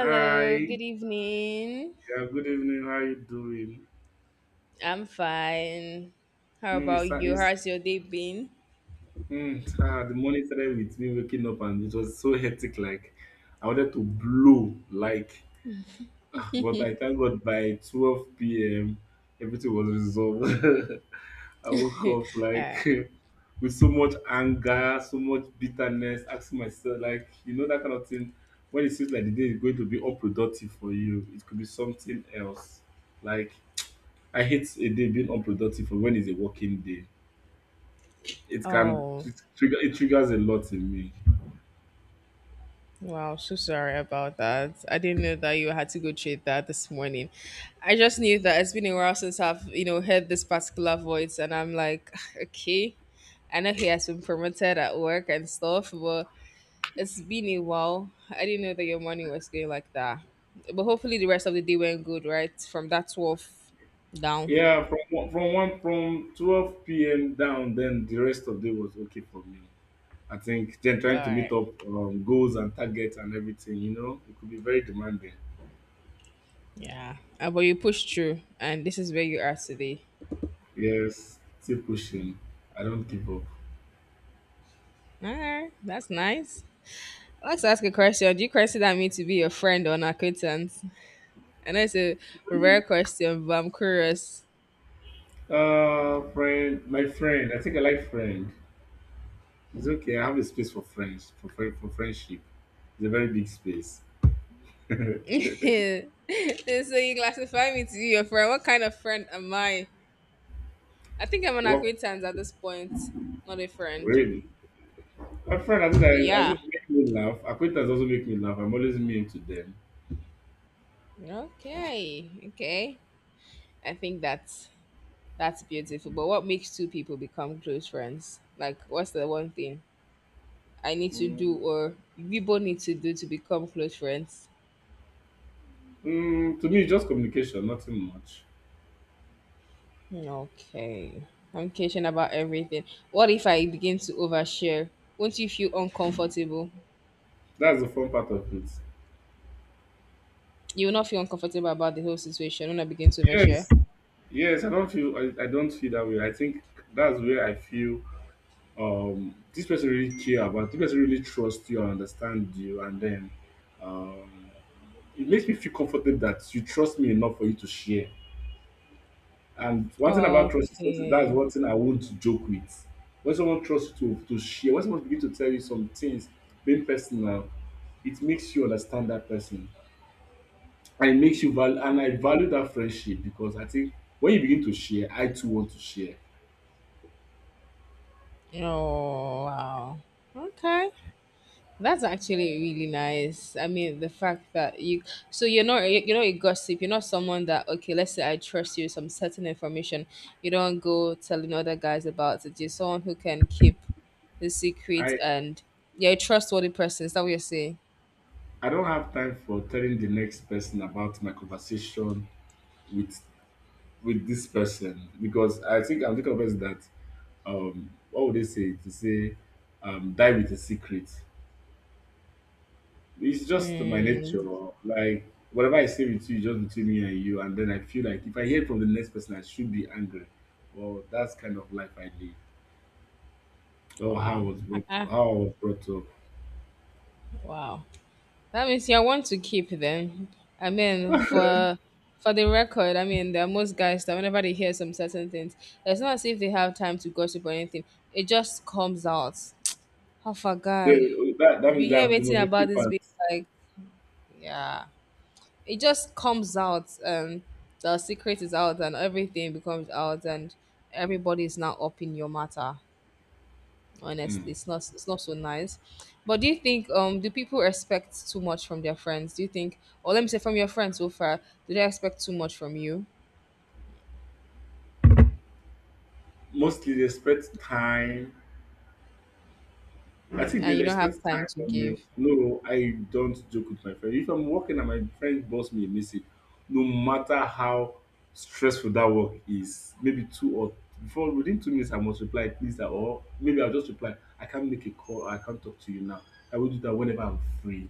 Hi, yeah, good evening. good evening. How you doing? I'm fine. How Mm, it's, about uh, you? it's How's your day been? The morning started with me waking up and it was so hectic. Like I wanted to blow. But I thank God by 12 p.m. everything was resolved. I woke up like Uh, with so much anger, so much bitterness, asking myself like, that kind of thing. When it seems like the day is going to be unproductive for you, it could be something else. Like I hate a day being unproductive when it's a working day. It can oh, it trigger it triggers a lot in me. wow, so sorry about that. I didn't know that you had to go treat that this morning. I just knew that it's been a while since I've heard this particular voice, and I'm like, okay, I know he has been promoted at work and stuff, but it's been a while. I didn't know that your morning was going like that. But hopefully, the rest of the day went good, right? From that 12 down. Yeah, from 12 p.m. down, then the rest of the day was okay for me. I think then All trying to meet right. up goals and targets and everything, you know, it could be very demanding. Yeah, but you pushed through, and this is where you are today. Yes, still pushing. I don't give up. All right, that's nice. I'd like to ask a question. Do you consider me to be your friend or an acquaintance? I know it's a rare question, but I'm curious. Friend, my friend. I think I like friend. It's okay. I have a space for friendship. It's a very big space. So you classify me to be your friend. What kind of friend am I? I think I'm an Work acquaintance at this point, not a friend. really. A friend, at least, at Yeah. least make me laugh. Acquaintance also make me laugh. I'm always mean to them. Okay. Okay. I think that's beautiful. But what makes two people become close friends? Like, what's the one thing I need to do, Mm, or we both need to do, to become close friends? To me, it's just communication, nothing much. Hmm, okay. Communication about everything. What if I begin to overshare? Won't you feel uncomfortable? That's the fun part of it. You will not feel uncomfortable about the whole situation when I begin to overshare? Yes, yes. I don't feel. I don't feel that way. I think that's where I feel. This person really care about. This person really trusts you and understand you, and then um, it makes me feel comforted that you trust me enough for you to share. And one thing about trust is something that is Okay. one thing I won't joke with. When someone trusts you to share, when someone begins to tell you some things, being personal, it makes you understand that person. And it makes you value and I value that friendship because I think when you begin to share, I too want to share. Oh wow. Okay. That's actually really nice. I mean, the fact that you're not a gossip. You're not someone that, okay, let's say I trust you with some certain information. You don't go telling other guys about it. You're someone who can keep the secret, I and you're a trustworthy person. Is that what you're saying? I don't have time for telling the next person about my conversation with with this person because I think I'm the kind of person that what would they say to say die with a secret. It's just my nature. Mm, Like whatever I say with you, is just between me and you. And then I feel like if I hear it from the next person, I should be angry. Well, that's kind of life I live. Or wow. Uh-uh. how I was brought up. Wow. That means you want to keep them. I mean, for the record, I mean, there are most guys that whenever they hear some certain things, it's not as if they have time to gossip or anything. It just comes out. Half a guy, That that you means hear that the anything most about this important. being, like, yeah, it just comes out. The secret is out, and everything becomes out, and everybody is now up in your matter. Honestly, Mm. it's not so nice. But do you think, do people expect too much from their friends, do you think? Or let me say, from your friends so far, do they expect too much from you? Mostly they spend time I think And they'll you don't expect have time time to from me. give. No, I don't joke with my friend. If I'm working and my friend boss me a message, no matter how stressful that work is, maybe two or before within 2 minutes I must reply, please, or maybe I'll just reply, I can't make a call, I can't talk to you now. I will do that whenever I'm free.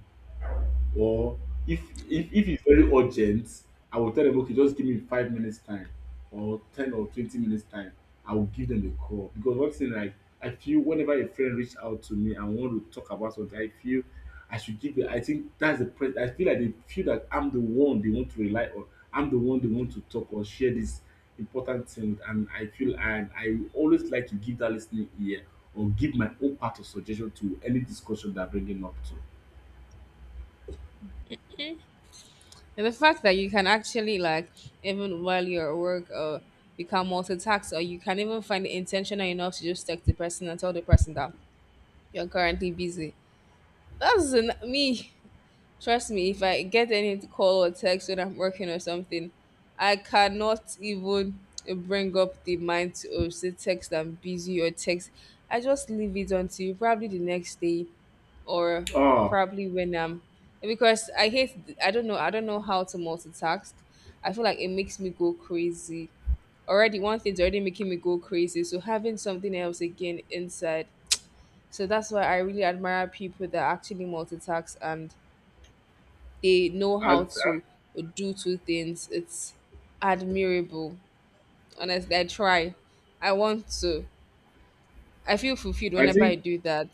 Or if if it's very urgent, I will tell them, okay, just give me 5 minutes time or 10 or 20 minutes time. I will give them a call because one thing like I feel whenever a friend reach out to me and want to talk about something, I feel I should give. I think that's the I feel like they feel that I'm the one they want to rely on. I'm the one they want to talk or share this important thing with, and I feel and I always like to give that listening ear or give my own part of suggestion to any discussion they're bringing up to. And the fact that you can actually, like, even while you're at work, become multitask, or you can even find it intentional enough to just text the person and tell the person that you're currently busy, that's an, me. Trust me, if I get any call or text when I'm working or something, I cannot even bring up the mind to, oh, say text I'm busy or text. I just leave it until probably the next day, or Oh, probably when I'm, because I hate, I don't know, I don't know how to multitask. I feel like it makes me go crazy. Already one thing's already making me go crazy, so having something else again inside. So that's why I really admire people that actually multitask and they know I, how to do two things. It's admirable. Honestly, I try. I want to. I feel fulfilled I whenever I think do that,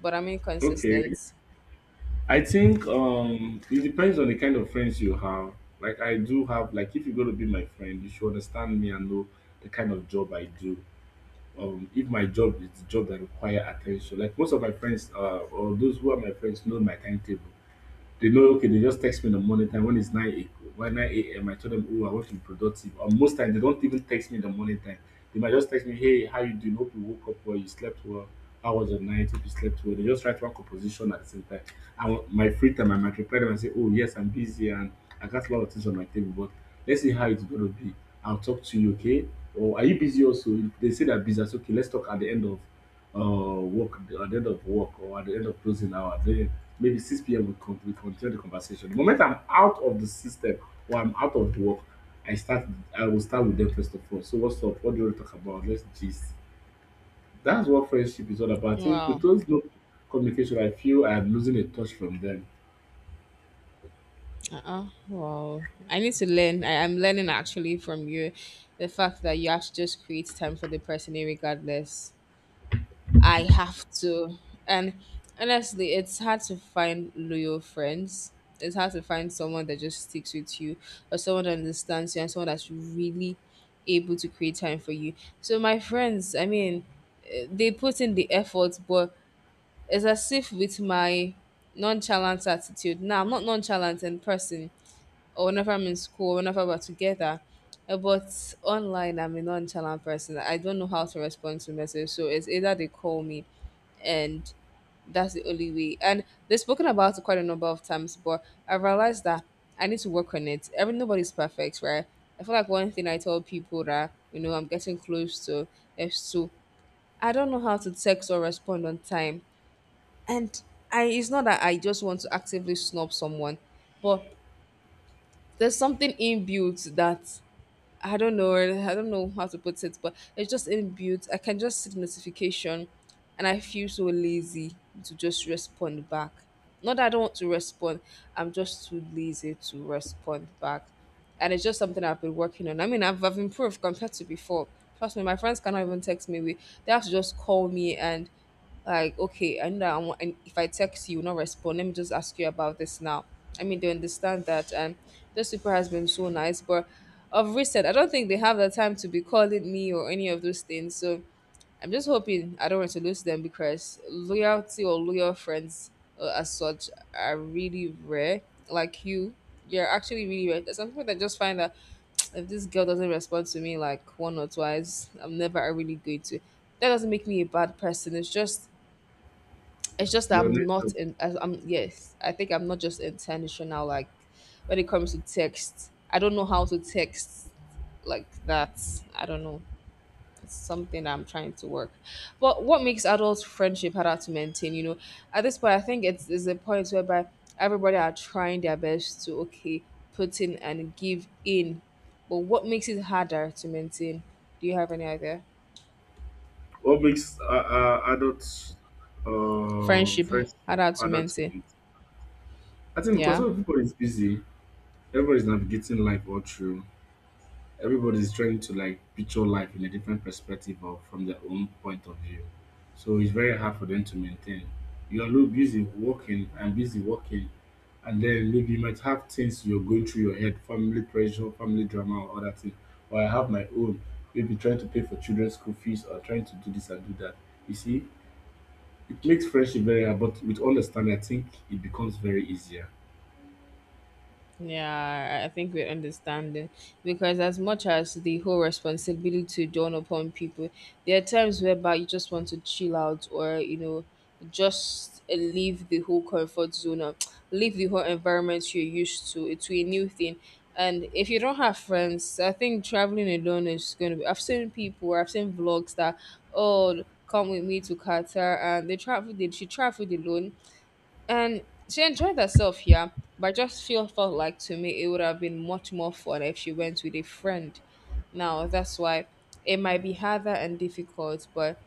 but I'm okay. inconsistent. I think it depends on the kind of friends you have. Like I do have like if you're gonna be my friend, you should understand me and know the kind of job I do. If my job is the job that require attention. Like most of my friends or those who are my friends know my timetable. They know, okay, they just text me in the morning time when 9 a.m. I tell them, oh, I want to be productive. Or most times, they don't even text me in the morning time. They might just text me, hey, how you doing? Hope you woke up well, you slept well. How was your night? Hope you slept well. They just write one composition at the same time. And my free time, I might reply them and say, oh, yes, I'm busy and I got a lot of things on my table, but let's see how it's going to be. I'll talk to you, okay? Or are you busy also? If they say they're busy, I okay, let's talk at the end of uh, work at the end of work or at the end of closing hour, then maybe 6 p.m. We continue the conversation. The moment I'm out of the system or I'm out of work, I start. I will start with them first of all. So what's up? What do you want to talk about? Let's gist. That's what friendship is all about. I think with Wow. those no communication, I feel I'm losing a touch from them. Uh-uh. Wow. I need to learn. I'm learning actually from you the fact that you have to just create time for the person, eh, regardless. I have to. And honestly, it's hard to find loyal friends. It's hard to find someone that just sticks with you, or someone that understands you, and someone that's really able to create time for you. So, my friends, I mean, eh, they put in the effort, but it's as if with my nonchalant attitude. Now, I'm not nonchalant in person, or whenever I'm in school, whenever we're together. But online, I'm a nonchalant person. I don't know how to respond to message, so it's either they call me, and that's the only way. And they've spoken about it quite a number of times, but I realized that I need to work on it. Every nobody's perfect, right? I feel like one thing I tell people that you know I'm getting close to is to, I don't know how to text or respond on time, and I it's not that I just want to actively snub someone, but there's something inbuilt that I don't know. I don't know how to put it, but it's just inbuilt. I can just see the notification, and I feel so lazy to just respond back. Not that I don't want to respond. I'm just too lazy to respond back, and it's just something I've been working on. I mean, I've improved compared to before. Trust me, my friends cannot even text me. We They have to just call me and, like, okay, I know that I want, and if I text you, you will not respond. Let me just ask you about this now. I mean, they understand that, and those people has been so nice. But of recent, I don't think they have the time to be calling me or any of those things. So I'm just hoping I don't want to lose them, because loyalty or loyal friends, as such are really rare. Like you, you're actually really rare. There's some people that just find that if this girl doesn't respond to me like one or twice, I'm never really going to. That doesn't make me a bad person. It's just that The I'm not nature. in. As I'm Yes. I think I'm not just intentional. Like when it comes to text, I don't know how to text like that. I don't know. It's something I'm trying to work. But what makes adult friendship harder to maintain? You know, at this point, I think it's is a point whereby everybody are trying their best to, okay, put in and give in. But what makes it harder to maintain? Do you have any idea? What makes adults Friendship friends harder to harder to maintain. build? I think because Yeah. everybody is busy, everybody's navigating life all through. Everybody's trying to like picture life in a different perspective or from their own point of view. So it's very hard for them to maintain. Busy working, and then maybe you might have things you're going through your head, family pressure, family drama, or other thing. Or I have my own, maybe trying to pay for children's school fees or trying to do this and do that. You see, it makes friendship very hard, but with understanding, I think it becomes very easier. Yeah, I think we understand it because as much as the whole responsibility to dawn upon people, there are times whereby you just want to chill out, or you know, just leave the whole comfort zone, or leave the whole environment you're used to a new thing. And if you don't have friends, I think traveling alone is going to be. I've seen people, I've seen vlogs that, oh, come with me to Qatar and they travel. They She traveled alone and she enjoyed herself here, but I just feel felt like to me it would have been much more fun if she went with a friend. Now that's why it might be harder and difficult, but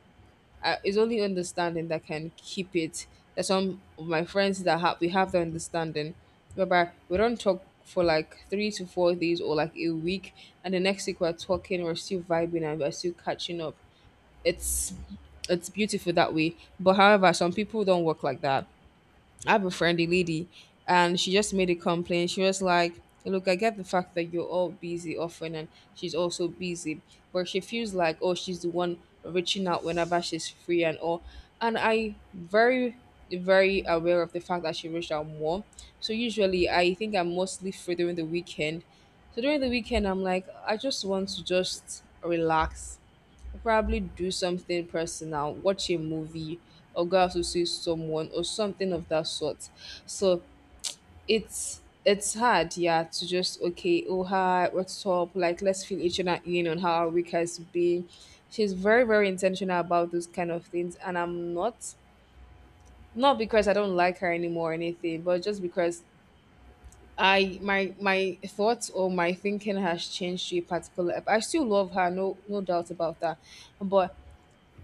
it's only understanding that can keep it. There's some of my friends that have we have the understanding, whereby we don't talk for like 3 to 4 days or like a week, and the next week we're talking, we're still vibing, and we're still catching up. It's it's beautiful that way. But however, some people don't work like that. I have a friendly lady, and she just made a complaint. She was like, "Look, I get the fact that you're all busy often, and she's also busy, but she feels like, oh, she's the one reaching out whenever she's free and all." And I very, very aware of the fact that she reached out more. So usually, I think I'm mostly free during the weekend. So during the weekend, I'm like, I just want to just relax, probably do something personal, watch a movie, or go out to see someone or something of that sort. So it's hard, yeah, to just, okay, oh hi, what's up? Like let's fill each other in on how our week has been. She's very, very intentional about those kind of things, and I'm not, not because I don't like her anymore or anything, but just because I my thoughts or my thinking has changed to a particular. I still love her, no doubt about that. But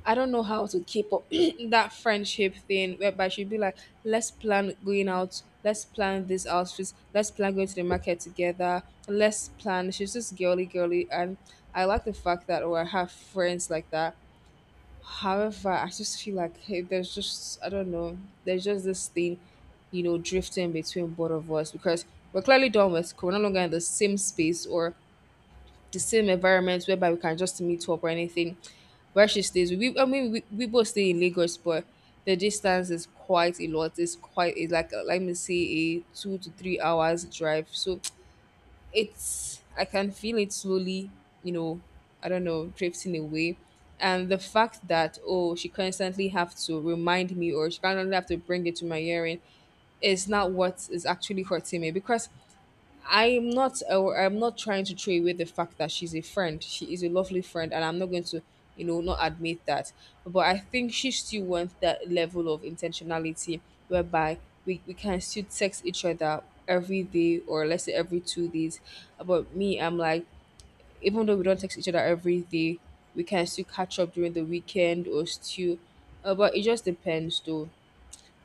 I don't know how to keep up that friendship thing whereby she'd be like, let's plan going out, let's plan this outfit, let's plan going to the market together, let's plan. She's just girly girly, and I like the fact that, oh, I have friends like that. However, I just feel like, hey, there's just, I don't know, there's just this thing, you know, drifting between both of us because we're clearly done with we're no longer in the same space or the same environment whereby we can just meet up or anything. Where she stays, we I mean we both stay in Lagos, but the distance is quite a lot. It's quite it's like let me say a 2 to 3 hours drive. So it's I can feel it slowly, you know, I don't know, drifting away. And the fact that oh, she constantly have to remind me or she constantly have to bring it to my hearing is not what is actually hurting me because I'm not trying to throw away the fact that she's a friend. She is a lovely friend, and I'm not going to, not admit that. But I think she still wants that level of intentionality whereby we can still text each other every day or let's say every 2 days. But me, I'm like, even though we don't text each other every day, we can still catch up during the weekend or still but it just depends though.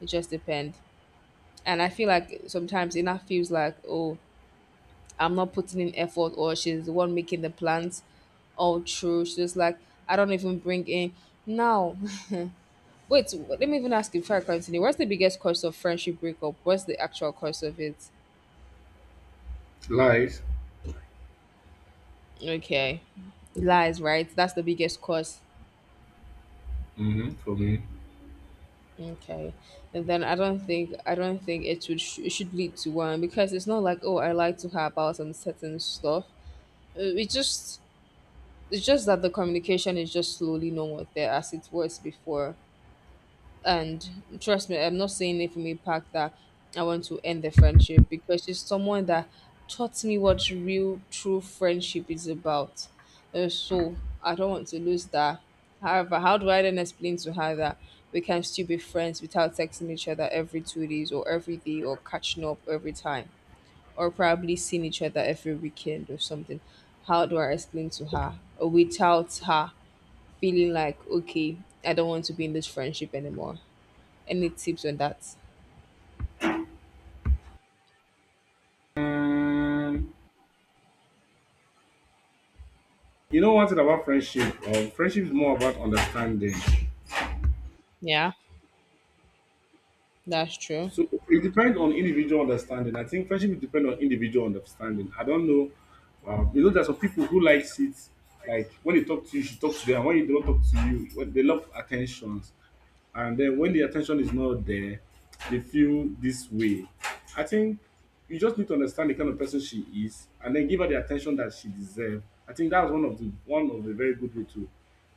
It just depends. And I feel like sometimes it not feels like, oh, I'm not putting in effort or she's the one making the plans all true. She's just like, I don't even bring in. Now, wait, let me even ask you before I continue. What's the biggest cause of friendship breakup? What's the actual cause of it? Life, Okay. Lies, right? That's the biggest cause. hmm for me. Okay. And then I don't think it should lead to one because it's not like oh, I lied to her about some certain stuff. It just it's just that the communication is just slowly no more there as it was before. And trust me, I'm not saying it from a pack that I want to end the friendship because she's someone that taught me what real, true friendship is about. So I don't want to lose that. However, how do I then explain to her that we can still be friends without texting each other every 2 days or every day or catching up every time or probably seeing each other every weekend or something? How do I explain to her without her feeling like, okay, I don't want to be in this friendship anymore? Any tips on that? You know one thing about friendship? Friendship is more about understanding. Yeah. That's true. So it depends on individual understanding. I think friendship depends on individual understanding. I don't know. You know, there's some people who likes it. Like when they talk to you, she talks to them. When you don't talk to you, when they love attentions. And then when the attention is not there, they feel this way. I think you just need to understand the kind of person she is, and then give her the attention that she deserves. I think that's one of the very good way to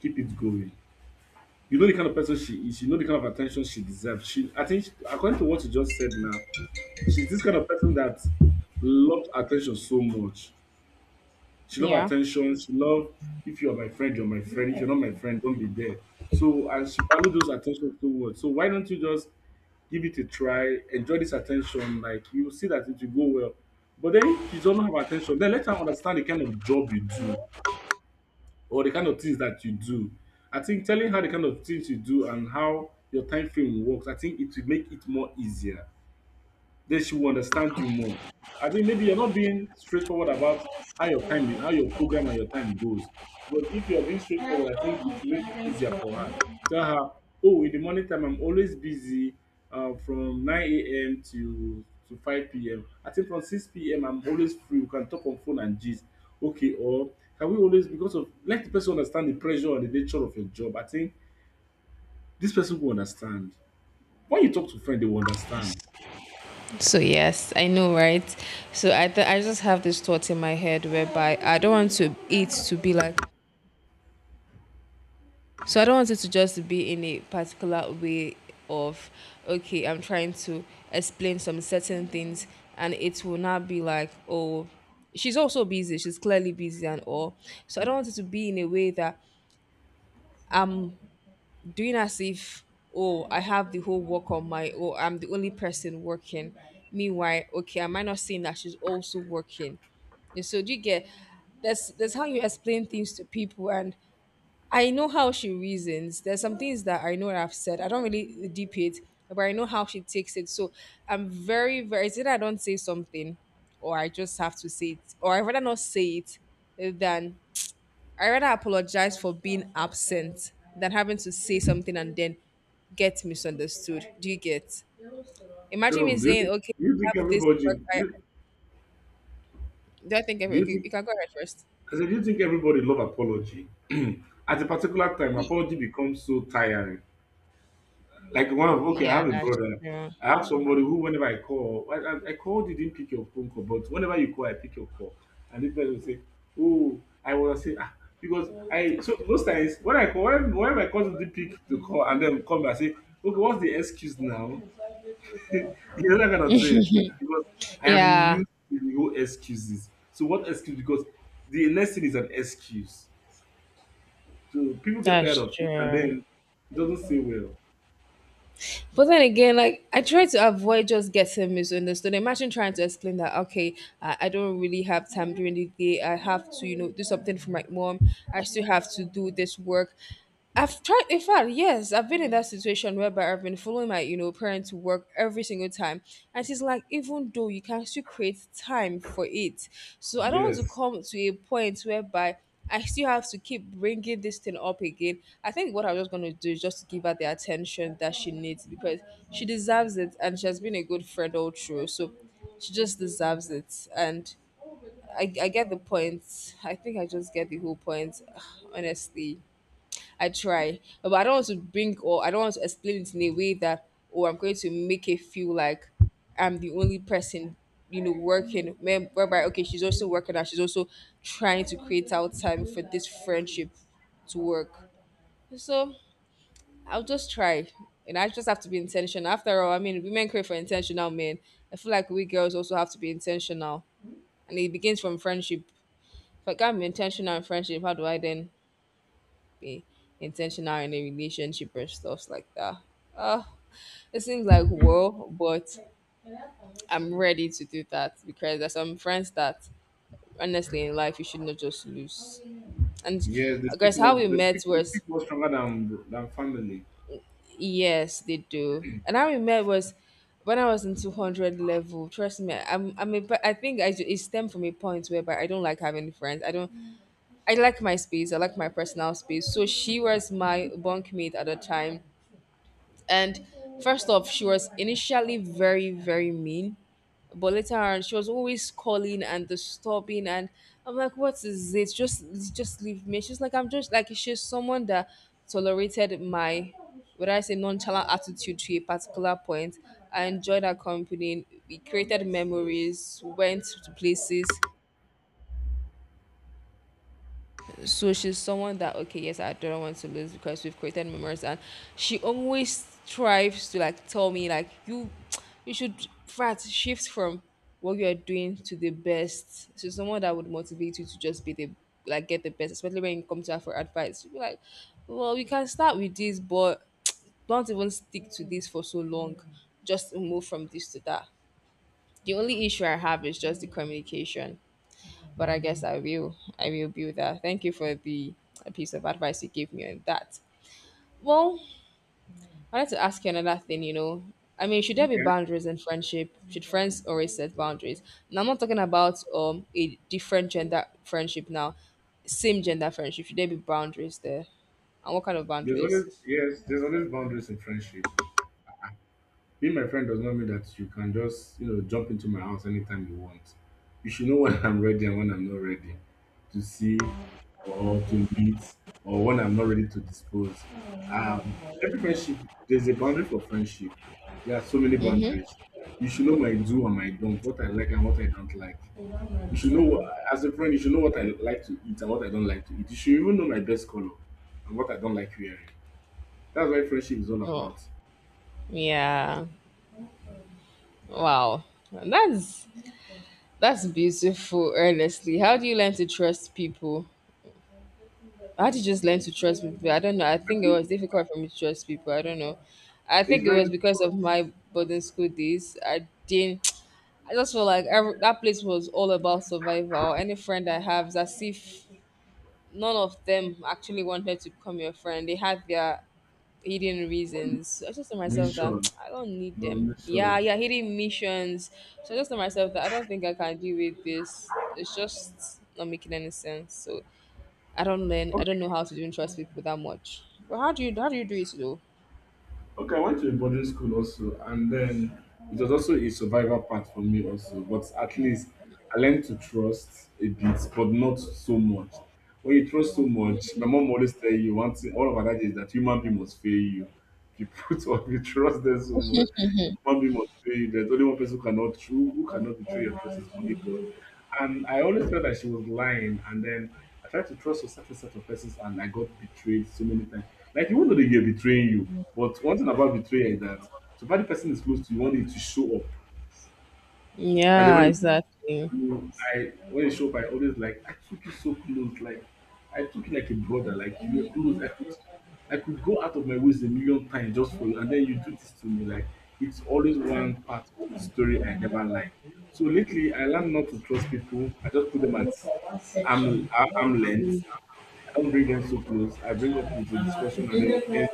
keep it going. You know the kind of person she is, you know the kind of attention she deserves. I think, according to what you just said now, she's this kind of person that loves attention so much. She loves Yeah. attention. She loves, if you're my friend, you're my friend. If you're not my friend, don't be there. So, and she values those attention so much. So, why don't you just give it a try, enjoy this attention? Like, you see that it will go well. But then, if you don't have attention, then let her understand the kind of job you do or the kind of things that you do. I think telling her the kind of things you do and how your time frame works, I think it will make it more easier. They should understand you more. I think maybe you're not being straightforward about how your time, how your program and your time goes. Because if you are being straightforward, I think it will make it easier for her. Tell her, oh, in the morning time, I'm always busy from 9 a.m. to 5 p.m. I think from 6 p.m. I'm always free. We can talk on phone and gist. Okay, or can we always because of let the person understand the pressure and the nature of your job? I think this person will understand. When you talk to friend, they will understand. So yes, I know, right? So I just have this thought in my head whereby I don't want to it to be like so I don't want it to just be in a particular way of okay, I'm trying to explain some certain things and it will not be like oh, she's also busy, she's clearly busy and all. So I don't want it to be in a way that I'm doing as if oh, I have the whole work on my oh, I'm the only person working, meanwhile okay, I might not seeing that she's also working. And so do you get? That's how you explain things to people. And I know how she reasons. There's some things that I know that I've said I don't really deep it, but I know how she takes it. So I'm very very, it's either I don't say something or I just have to say it or I rather not say it than I rather apologize for being absent than having to say something and then get misunderstood. Do you get? Imagine So me do you saying, think okay, do you I think have this everybody work. do I, you- do I think, do you okay, think you can go ahead first. I said do you think everybody love apology? At a particular time, apology becomes so tiring. Like one of okay, I Yeah, have a that's brother. true. I have somebody who whenever I call, I called you didn't pick your phone call, but whenever you call, I pick your call, and the person will say, "Oh, I was say ah," because I so those times when I call when whenever my cousin did pick the call and then come back I say, "Okay, what's the excuse now?" The other kind of thing because I am Yeah, used to the whole excuses. So what excuse? Because the next thing is an excuse. So people get tired that's of it, and true. then it doesn't say well. But then again, like I try to avoid just getting misunderstood. Imagine trying to explain that okay, I don't really have time during the day. I have to, you know, do something for my mom. I still have to do this work. I've tried, in fact, yes, I've been in that situation whereby I've been following my, you know, parent to work every single time. And she's like, even though you can still create time for it. So I don't want to Yes, come to a point whereby I still have to keep bringing this thing up again. I think what I'm just going to do is just to give her the attention that she needs because she deserves it and she has been a good friend all through. So she just deserves it. And I get the point. I think I just get the whole point, honestly. I try, but I don't want to bring or I don't want to explain it in a way that oh, I'm going to make it feel like I'm the only person, you know, working. Whereby okay, she's also working and she's also trying to create out time for this friendship to work. So I'll just try. And I just have to be intentional. After all, I mean, women crave for intentional men. I feel like we girls also have to be intentional. And it begins from friendship. If I can't be intentional in friendship, how do I then be intentional in a relationship or stuff like that. Uh, it seems like well, but I'm ready to do that because there's some friends that honestly in life you should not just lose. And yes, they speak guys, how more. we They met speak. They speak was more stronger than family. yes, they do. And how we met was when I was in 200 level. Trust me, I'm a, I think it stemmed from a point whereby I don't like having friends. I don't I like my space. I like my personal space. So she was my bunkmate at the time. And first off, she was initially very, very mean, but later on, she was always calling and disturbing. And I'm like, what is it? Just leave me. She's like, I'm just like she's someone that tolerated my, what I say, nonchalant attitude to a particular point. I enjoyed her company. We created memories, went to places. So she's someone that okay, yes, I don't want to lose because we've created memories. And she always strives to like tell me like you should frat shift from what you're doing to the best. So someone that would motivate you to just be the like get the best, especially when you come to her for advice you'll be like, well, we can start with this, but don't even stick to this for so long, just move from this to that. The only issue I have is just the communication, but I guess I will do that. Thank you for the piece of advice you gave me on that. Well, I wanted to ask you another thing. You know, I mean, should there be Okay. boundaries in friendship? Should friends always set boundaries? Now, I'm not talking about a different gender friendship. Now, same gender friendship. Should there be boundaries there? And what kind of There's always boundaries? yes. There's always boundaries in friendship. Being my friend does not mean that you can just, jump into my house anytime you want. You should know when I'm ready and when I'm not ready to see or to meet or when I'm not ready to dispose. Every friendship, there's a boundary for friendship. There are so many boundaries. You should know my do and my don't, what I like and what I don't like. You should know, what, as a friend, you should know what I like to eat and what I don't like to eat. You should even know my best color and what I don't like wearing. That's why friendship is all Oh, about. yeah. Wow. That's that's beautiful. Honestly, how do you learn to trust people? I had to just learn to trust people. I don't know. I I think it think was difficult for me to trust people. I don't know. I it's think it very was because difficult. of my boarding school days. I didn't. I just felt like every, that place was all about survival. Any friend I have, it's as if none of them actually wanted to become your friend. They had their hidden reasons. So I just told myself Mission, that I don't need the them. Yeah, mission. yeah, hidden missions. So I just told myself that I don't think I can deal with this. It's just not making any sense. So I don't learn. I Okay, don't know how to do trust people that much. But how do you do it though? okay. I went to a boarding school also, and then it was also a survival part for me also. But at least I learned to trust a bit, but not so much. When you trust so much, my mom always tell you one thing. All of our adage is that human being must fail you. If you put or if you trust them so much, human being must fail you. There's only one person who cannot true who cannot betray your trust is only God. And I always felt that she was lying. And then I tried to trust a certain set of persons and I got betrayed so many times. Like, you won't know that they're betraying you. But one thing about betrayal is that so far the person is close to you, you want it to show up. And then Yeah, when it exactly. no, I when you show up, I always like I took you so close, like I took you like a brother, like you were close. I could go out of my ways a million times just for you, and then you do this to me. Like it's always one part of the story I never like. So lately, I learned not to trust people. I just put them at arm length. I don't bring them so close. I bring up with a discussion, and then it ends.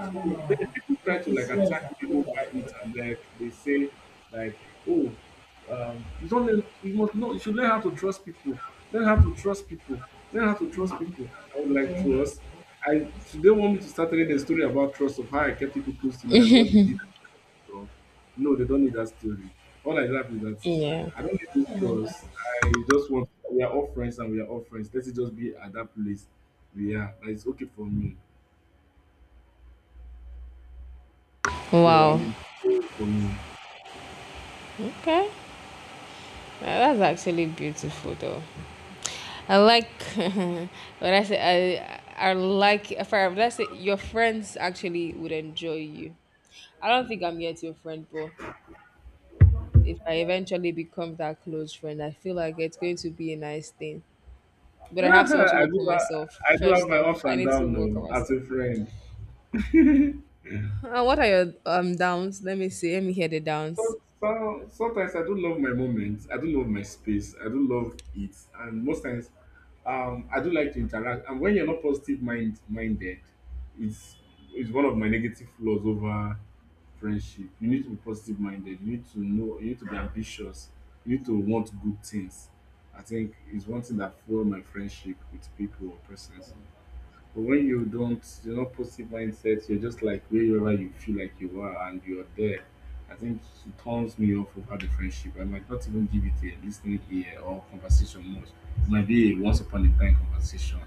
So then people try to like attack me over it, and like they say, like, oh, you don't learn, you must know you should learn how to trust people. Learn how to trust people. Learn how to trust people. I would like trust. I today want me to start telling a story about trust of how I kept people close to me and what they did. So, no, they don't need that story. All I have is that Yeah. I don't need those trust. I just want we are all friends and we are all friends. Let it just be at that place we are. That is okay for me. So I Wow. mean, for me. Okay. That's actually beautiful though. I like when I say I like if I let's say your friends actually would enjoy you. I don't think I'm yet your friend, but if I eventually become that close friend, I feel like it's going to be a nice thing. But I have to also I work on do have, myself. I do have First my off, ups I and need to downs work on though, as myself. a friend. What are your downs? Let me see. Let me hear the downs. So sometimes I do love my moments. I do love my space. I do love it, and most times, I do like to interact. And when you're not positive minded, it's it's one of my negative flaws over friendship. You need to be positive minded. You need to know. You need to be ambitious. You need to want good things. I think it's one thing that fuel my friendship with people or persons. But when you don't, you're not positive mindset, you're just like wherever you feel like you are and you're there. I think it turns me off over the friendship. I might not even give it a listening ear or conversation much. It might be a once upon a time conversation.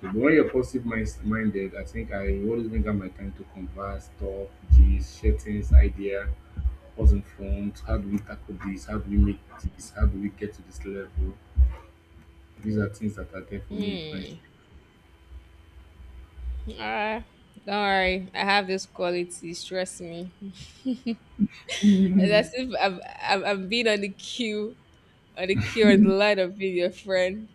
So, but when you're positive minded, I think I always make out my time to converse, talk, gist, share things, idea, what's in front, how do we tackle this, how do we make this, how do we get to this level. These are things that are there for me in friendship. Ah, don't worry. I have this quality. Stress me. It's as if I've been on the queue, on the queue on the line of being your friend.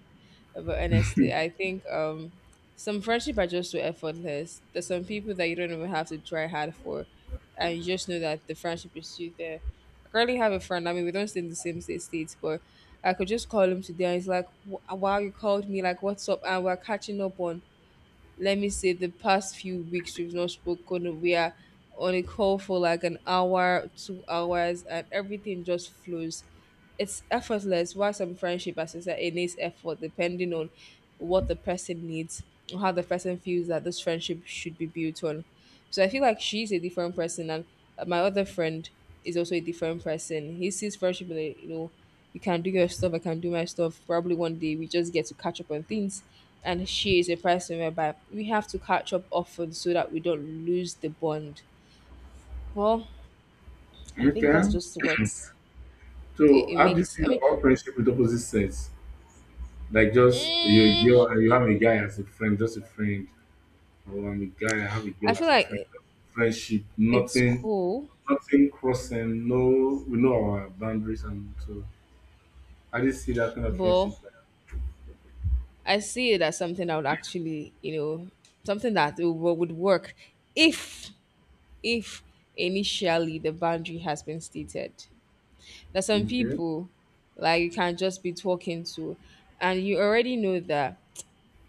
But honestly, I think some friendship are just so effortless. There's some people that you don't even have to try hard for. And you just know that the friendship is still there. I currently have a friend. I mean, we don't stay in the same state, states, but I could just call him today. And he's like, Wow, you called me. "Like, what's up?" And we're catching up on, let me say, the past few weeks we've not spoken. We are on a call for like an hour, 2 hours, and everything just flows. It's effortless. While some friendship, as I said, it needs effort depending on what the person needs or how the person feels that this friendship should be built on. So I feel like she's a different person. And my other friend is also a different person. He sees friendship in a, you know, you can do your stuff, I can do my stuff, probably one day we just get to catch up on things. And she is a person whereby we have to catch up often so that we don't lose the bond. Well, I think Okay. that's just what it, So it how do you makes. I feel mean, about friendship with opposite sex? Like just you're a mm, girl and you have a guy as a friend, just a friend, or I'm a guy, I have a I girl feel as a like friend. Friendship, it's nothing, cool. nothing crossing, no, we know our boundaries, and so I just see that kind of But friendship. I see it as something that would actually, you know, something that it would work if if initially the boundary has been stated. There's some Like, okay. people like you can just be talking to, and you already know that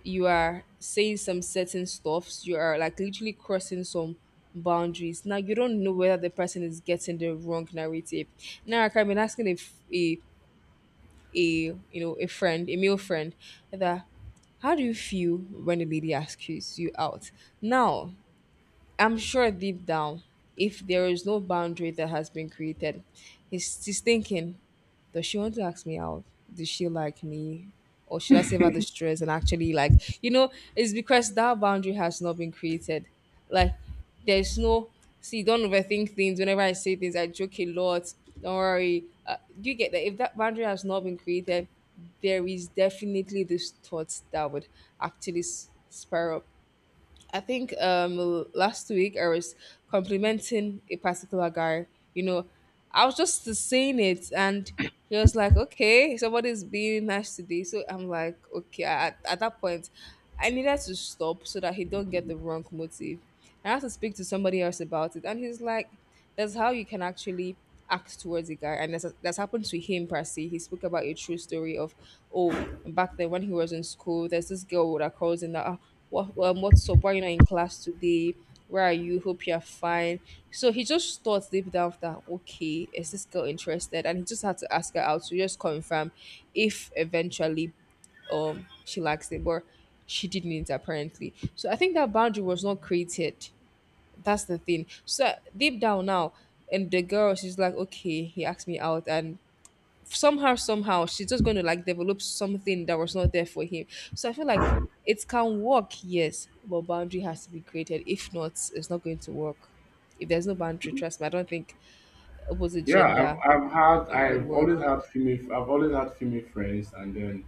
you are saying some certain stuffs. You are like literally crossing some boundaries. Now you don't know whether the person is getting the wrong narrative. Now I can be asking if a a you know a friend, a male friend, that how do you feel when the lady asks you out? Now, I'm sure deep down, if there is no boundary that has been created, he's thinking, does she want to ask me out? Does she like me? Or should I save her the stress and actually, like, it's because that boundary has not been created. Like, there's no, see, don't overthink things. Whenever I say things, I joke a lot. Don't worry. Do you get that? If that boundary has not been created, there is definitely this thought that would actually spiral. I think last week I was complimenting a particular guy. You know, I was just saying it, and he was like, "Okay, somebody's being nice today." So I'm like, "Okay." At that point, I needed to stop so that he don't get the wrong motive. I had to speak to somebody else about it, and he's like. That's how you can actually act towards a guy. And that's happened to him, per se. He spoke about a true story of, oh, back then when he was in school, there's this girl that calls in that, "Ah, what, what's up? Why you not in class today? Where are you? Hope you're fine." So he just thought deep down that, okay, is this girl interested? And he just had to ask her out to just confirm if eventually she likes it, but she didn't apparently. So I think that boundary was not created. That's the thing. So deep down now, and the girl, she's like, okay, he asked me out, and somehow, somehow, she's just going to like develop something that was not there for him. So I feel like it can work, yes, but boundary has to be created. If not, it's not going to work. If there's no boundary, trust me, I don't think opposite Yeah, gender I've, I've had, it would I've work. always had female, I've always had female friends, and then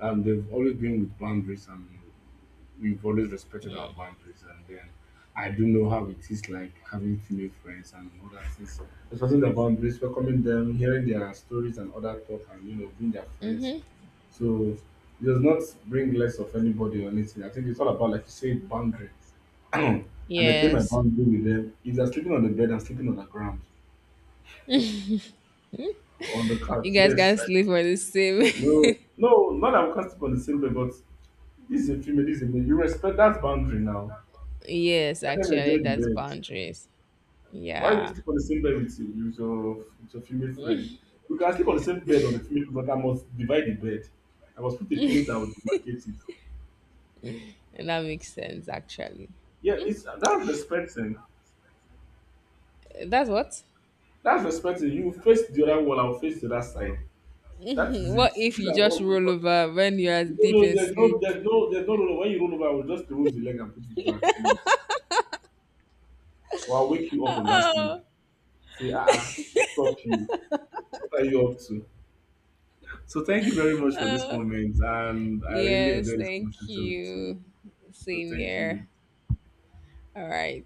they've always been with boundaries and we've always respected our boundaries and then I do know how it is like having female friends and all that things. Respecting their boundaries, welcoming them, hearing their stories and other talk and, you know, being their friends. Mm-hmm. So it does not bring less of anybody or anything. I think it's all about like you say boundary. I maintain my Yes, boundary with them. If they're sleeping on the bed, I'm sleeping on the ground. On the couch. you guys can Yes. not I, sleep on the same. no, not that I'm constantly on the same bed, but this is a female, this is a male. You respect that boundary now. Yes, Let them actually, enjoy the that's bed. boundaries. Why will you Yeah, sleep on the same bed with, you, with your female friend? We can sleep on the same bed on the female, but I must divide the bed. I must put a pillow that will demarcate it. and that makes sense. Actually, Yeah, it's that's respecting. that's what. That's respecting. You face the other wall, I'll face the other side. That is it. What if These you are all just good roll ones. over when you are No, deep no, in there's no, sleep? there's no, there's no, no, no. When you roll over, I will just remove the leg and put it back, please. Or I'll wake you up from that sleep. Say, ah, ah, what's up to you? What are you up to? So thank you very much for this moment, and I really Yes, enjoyed this thank conversation with you. you. So Same thank you. here. All right.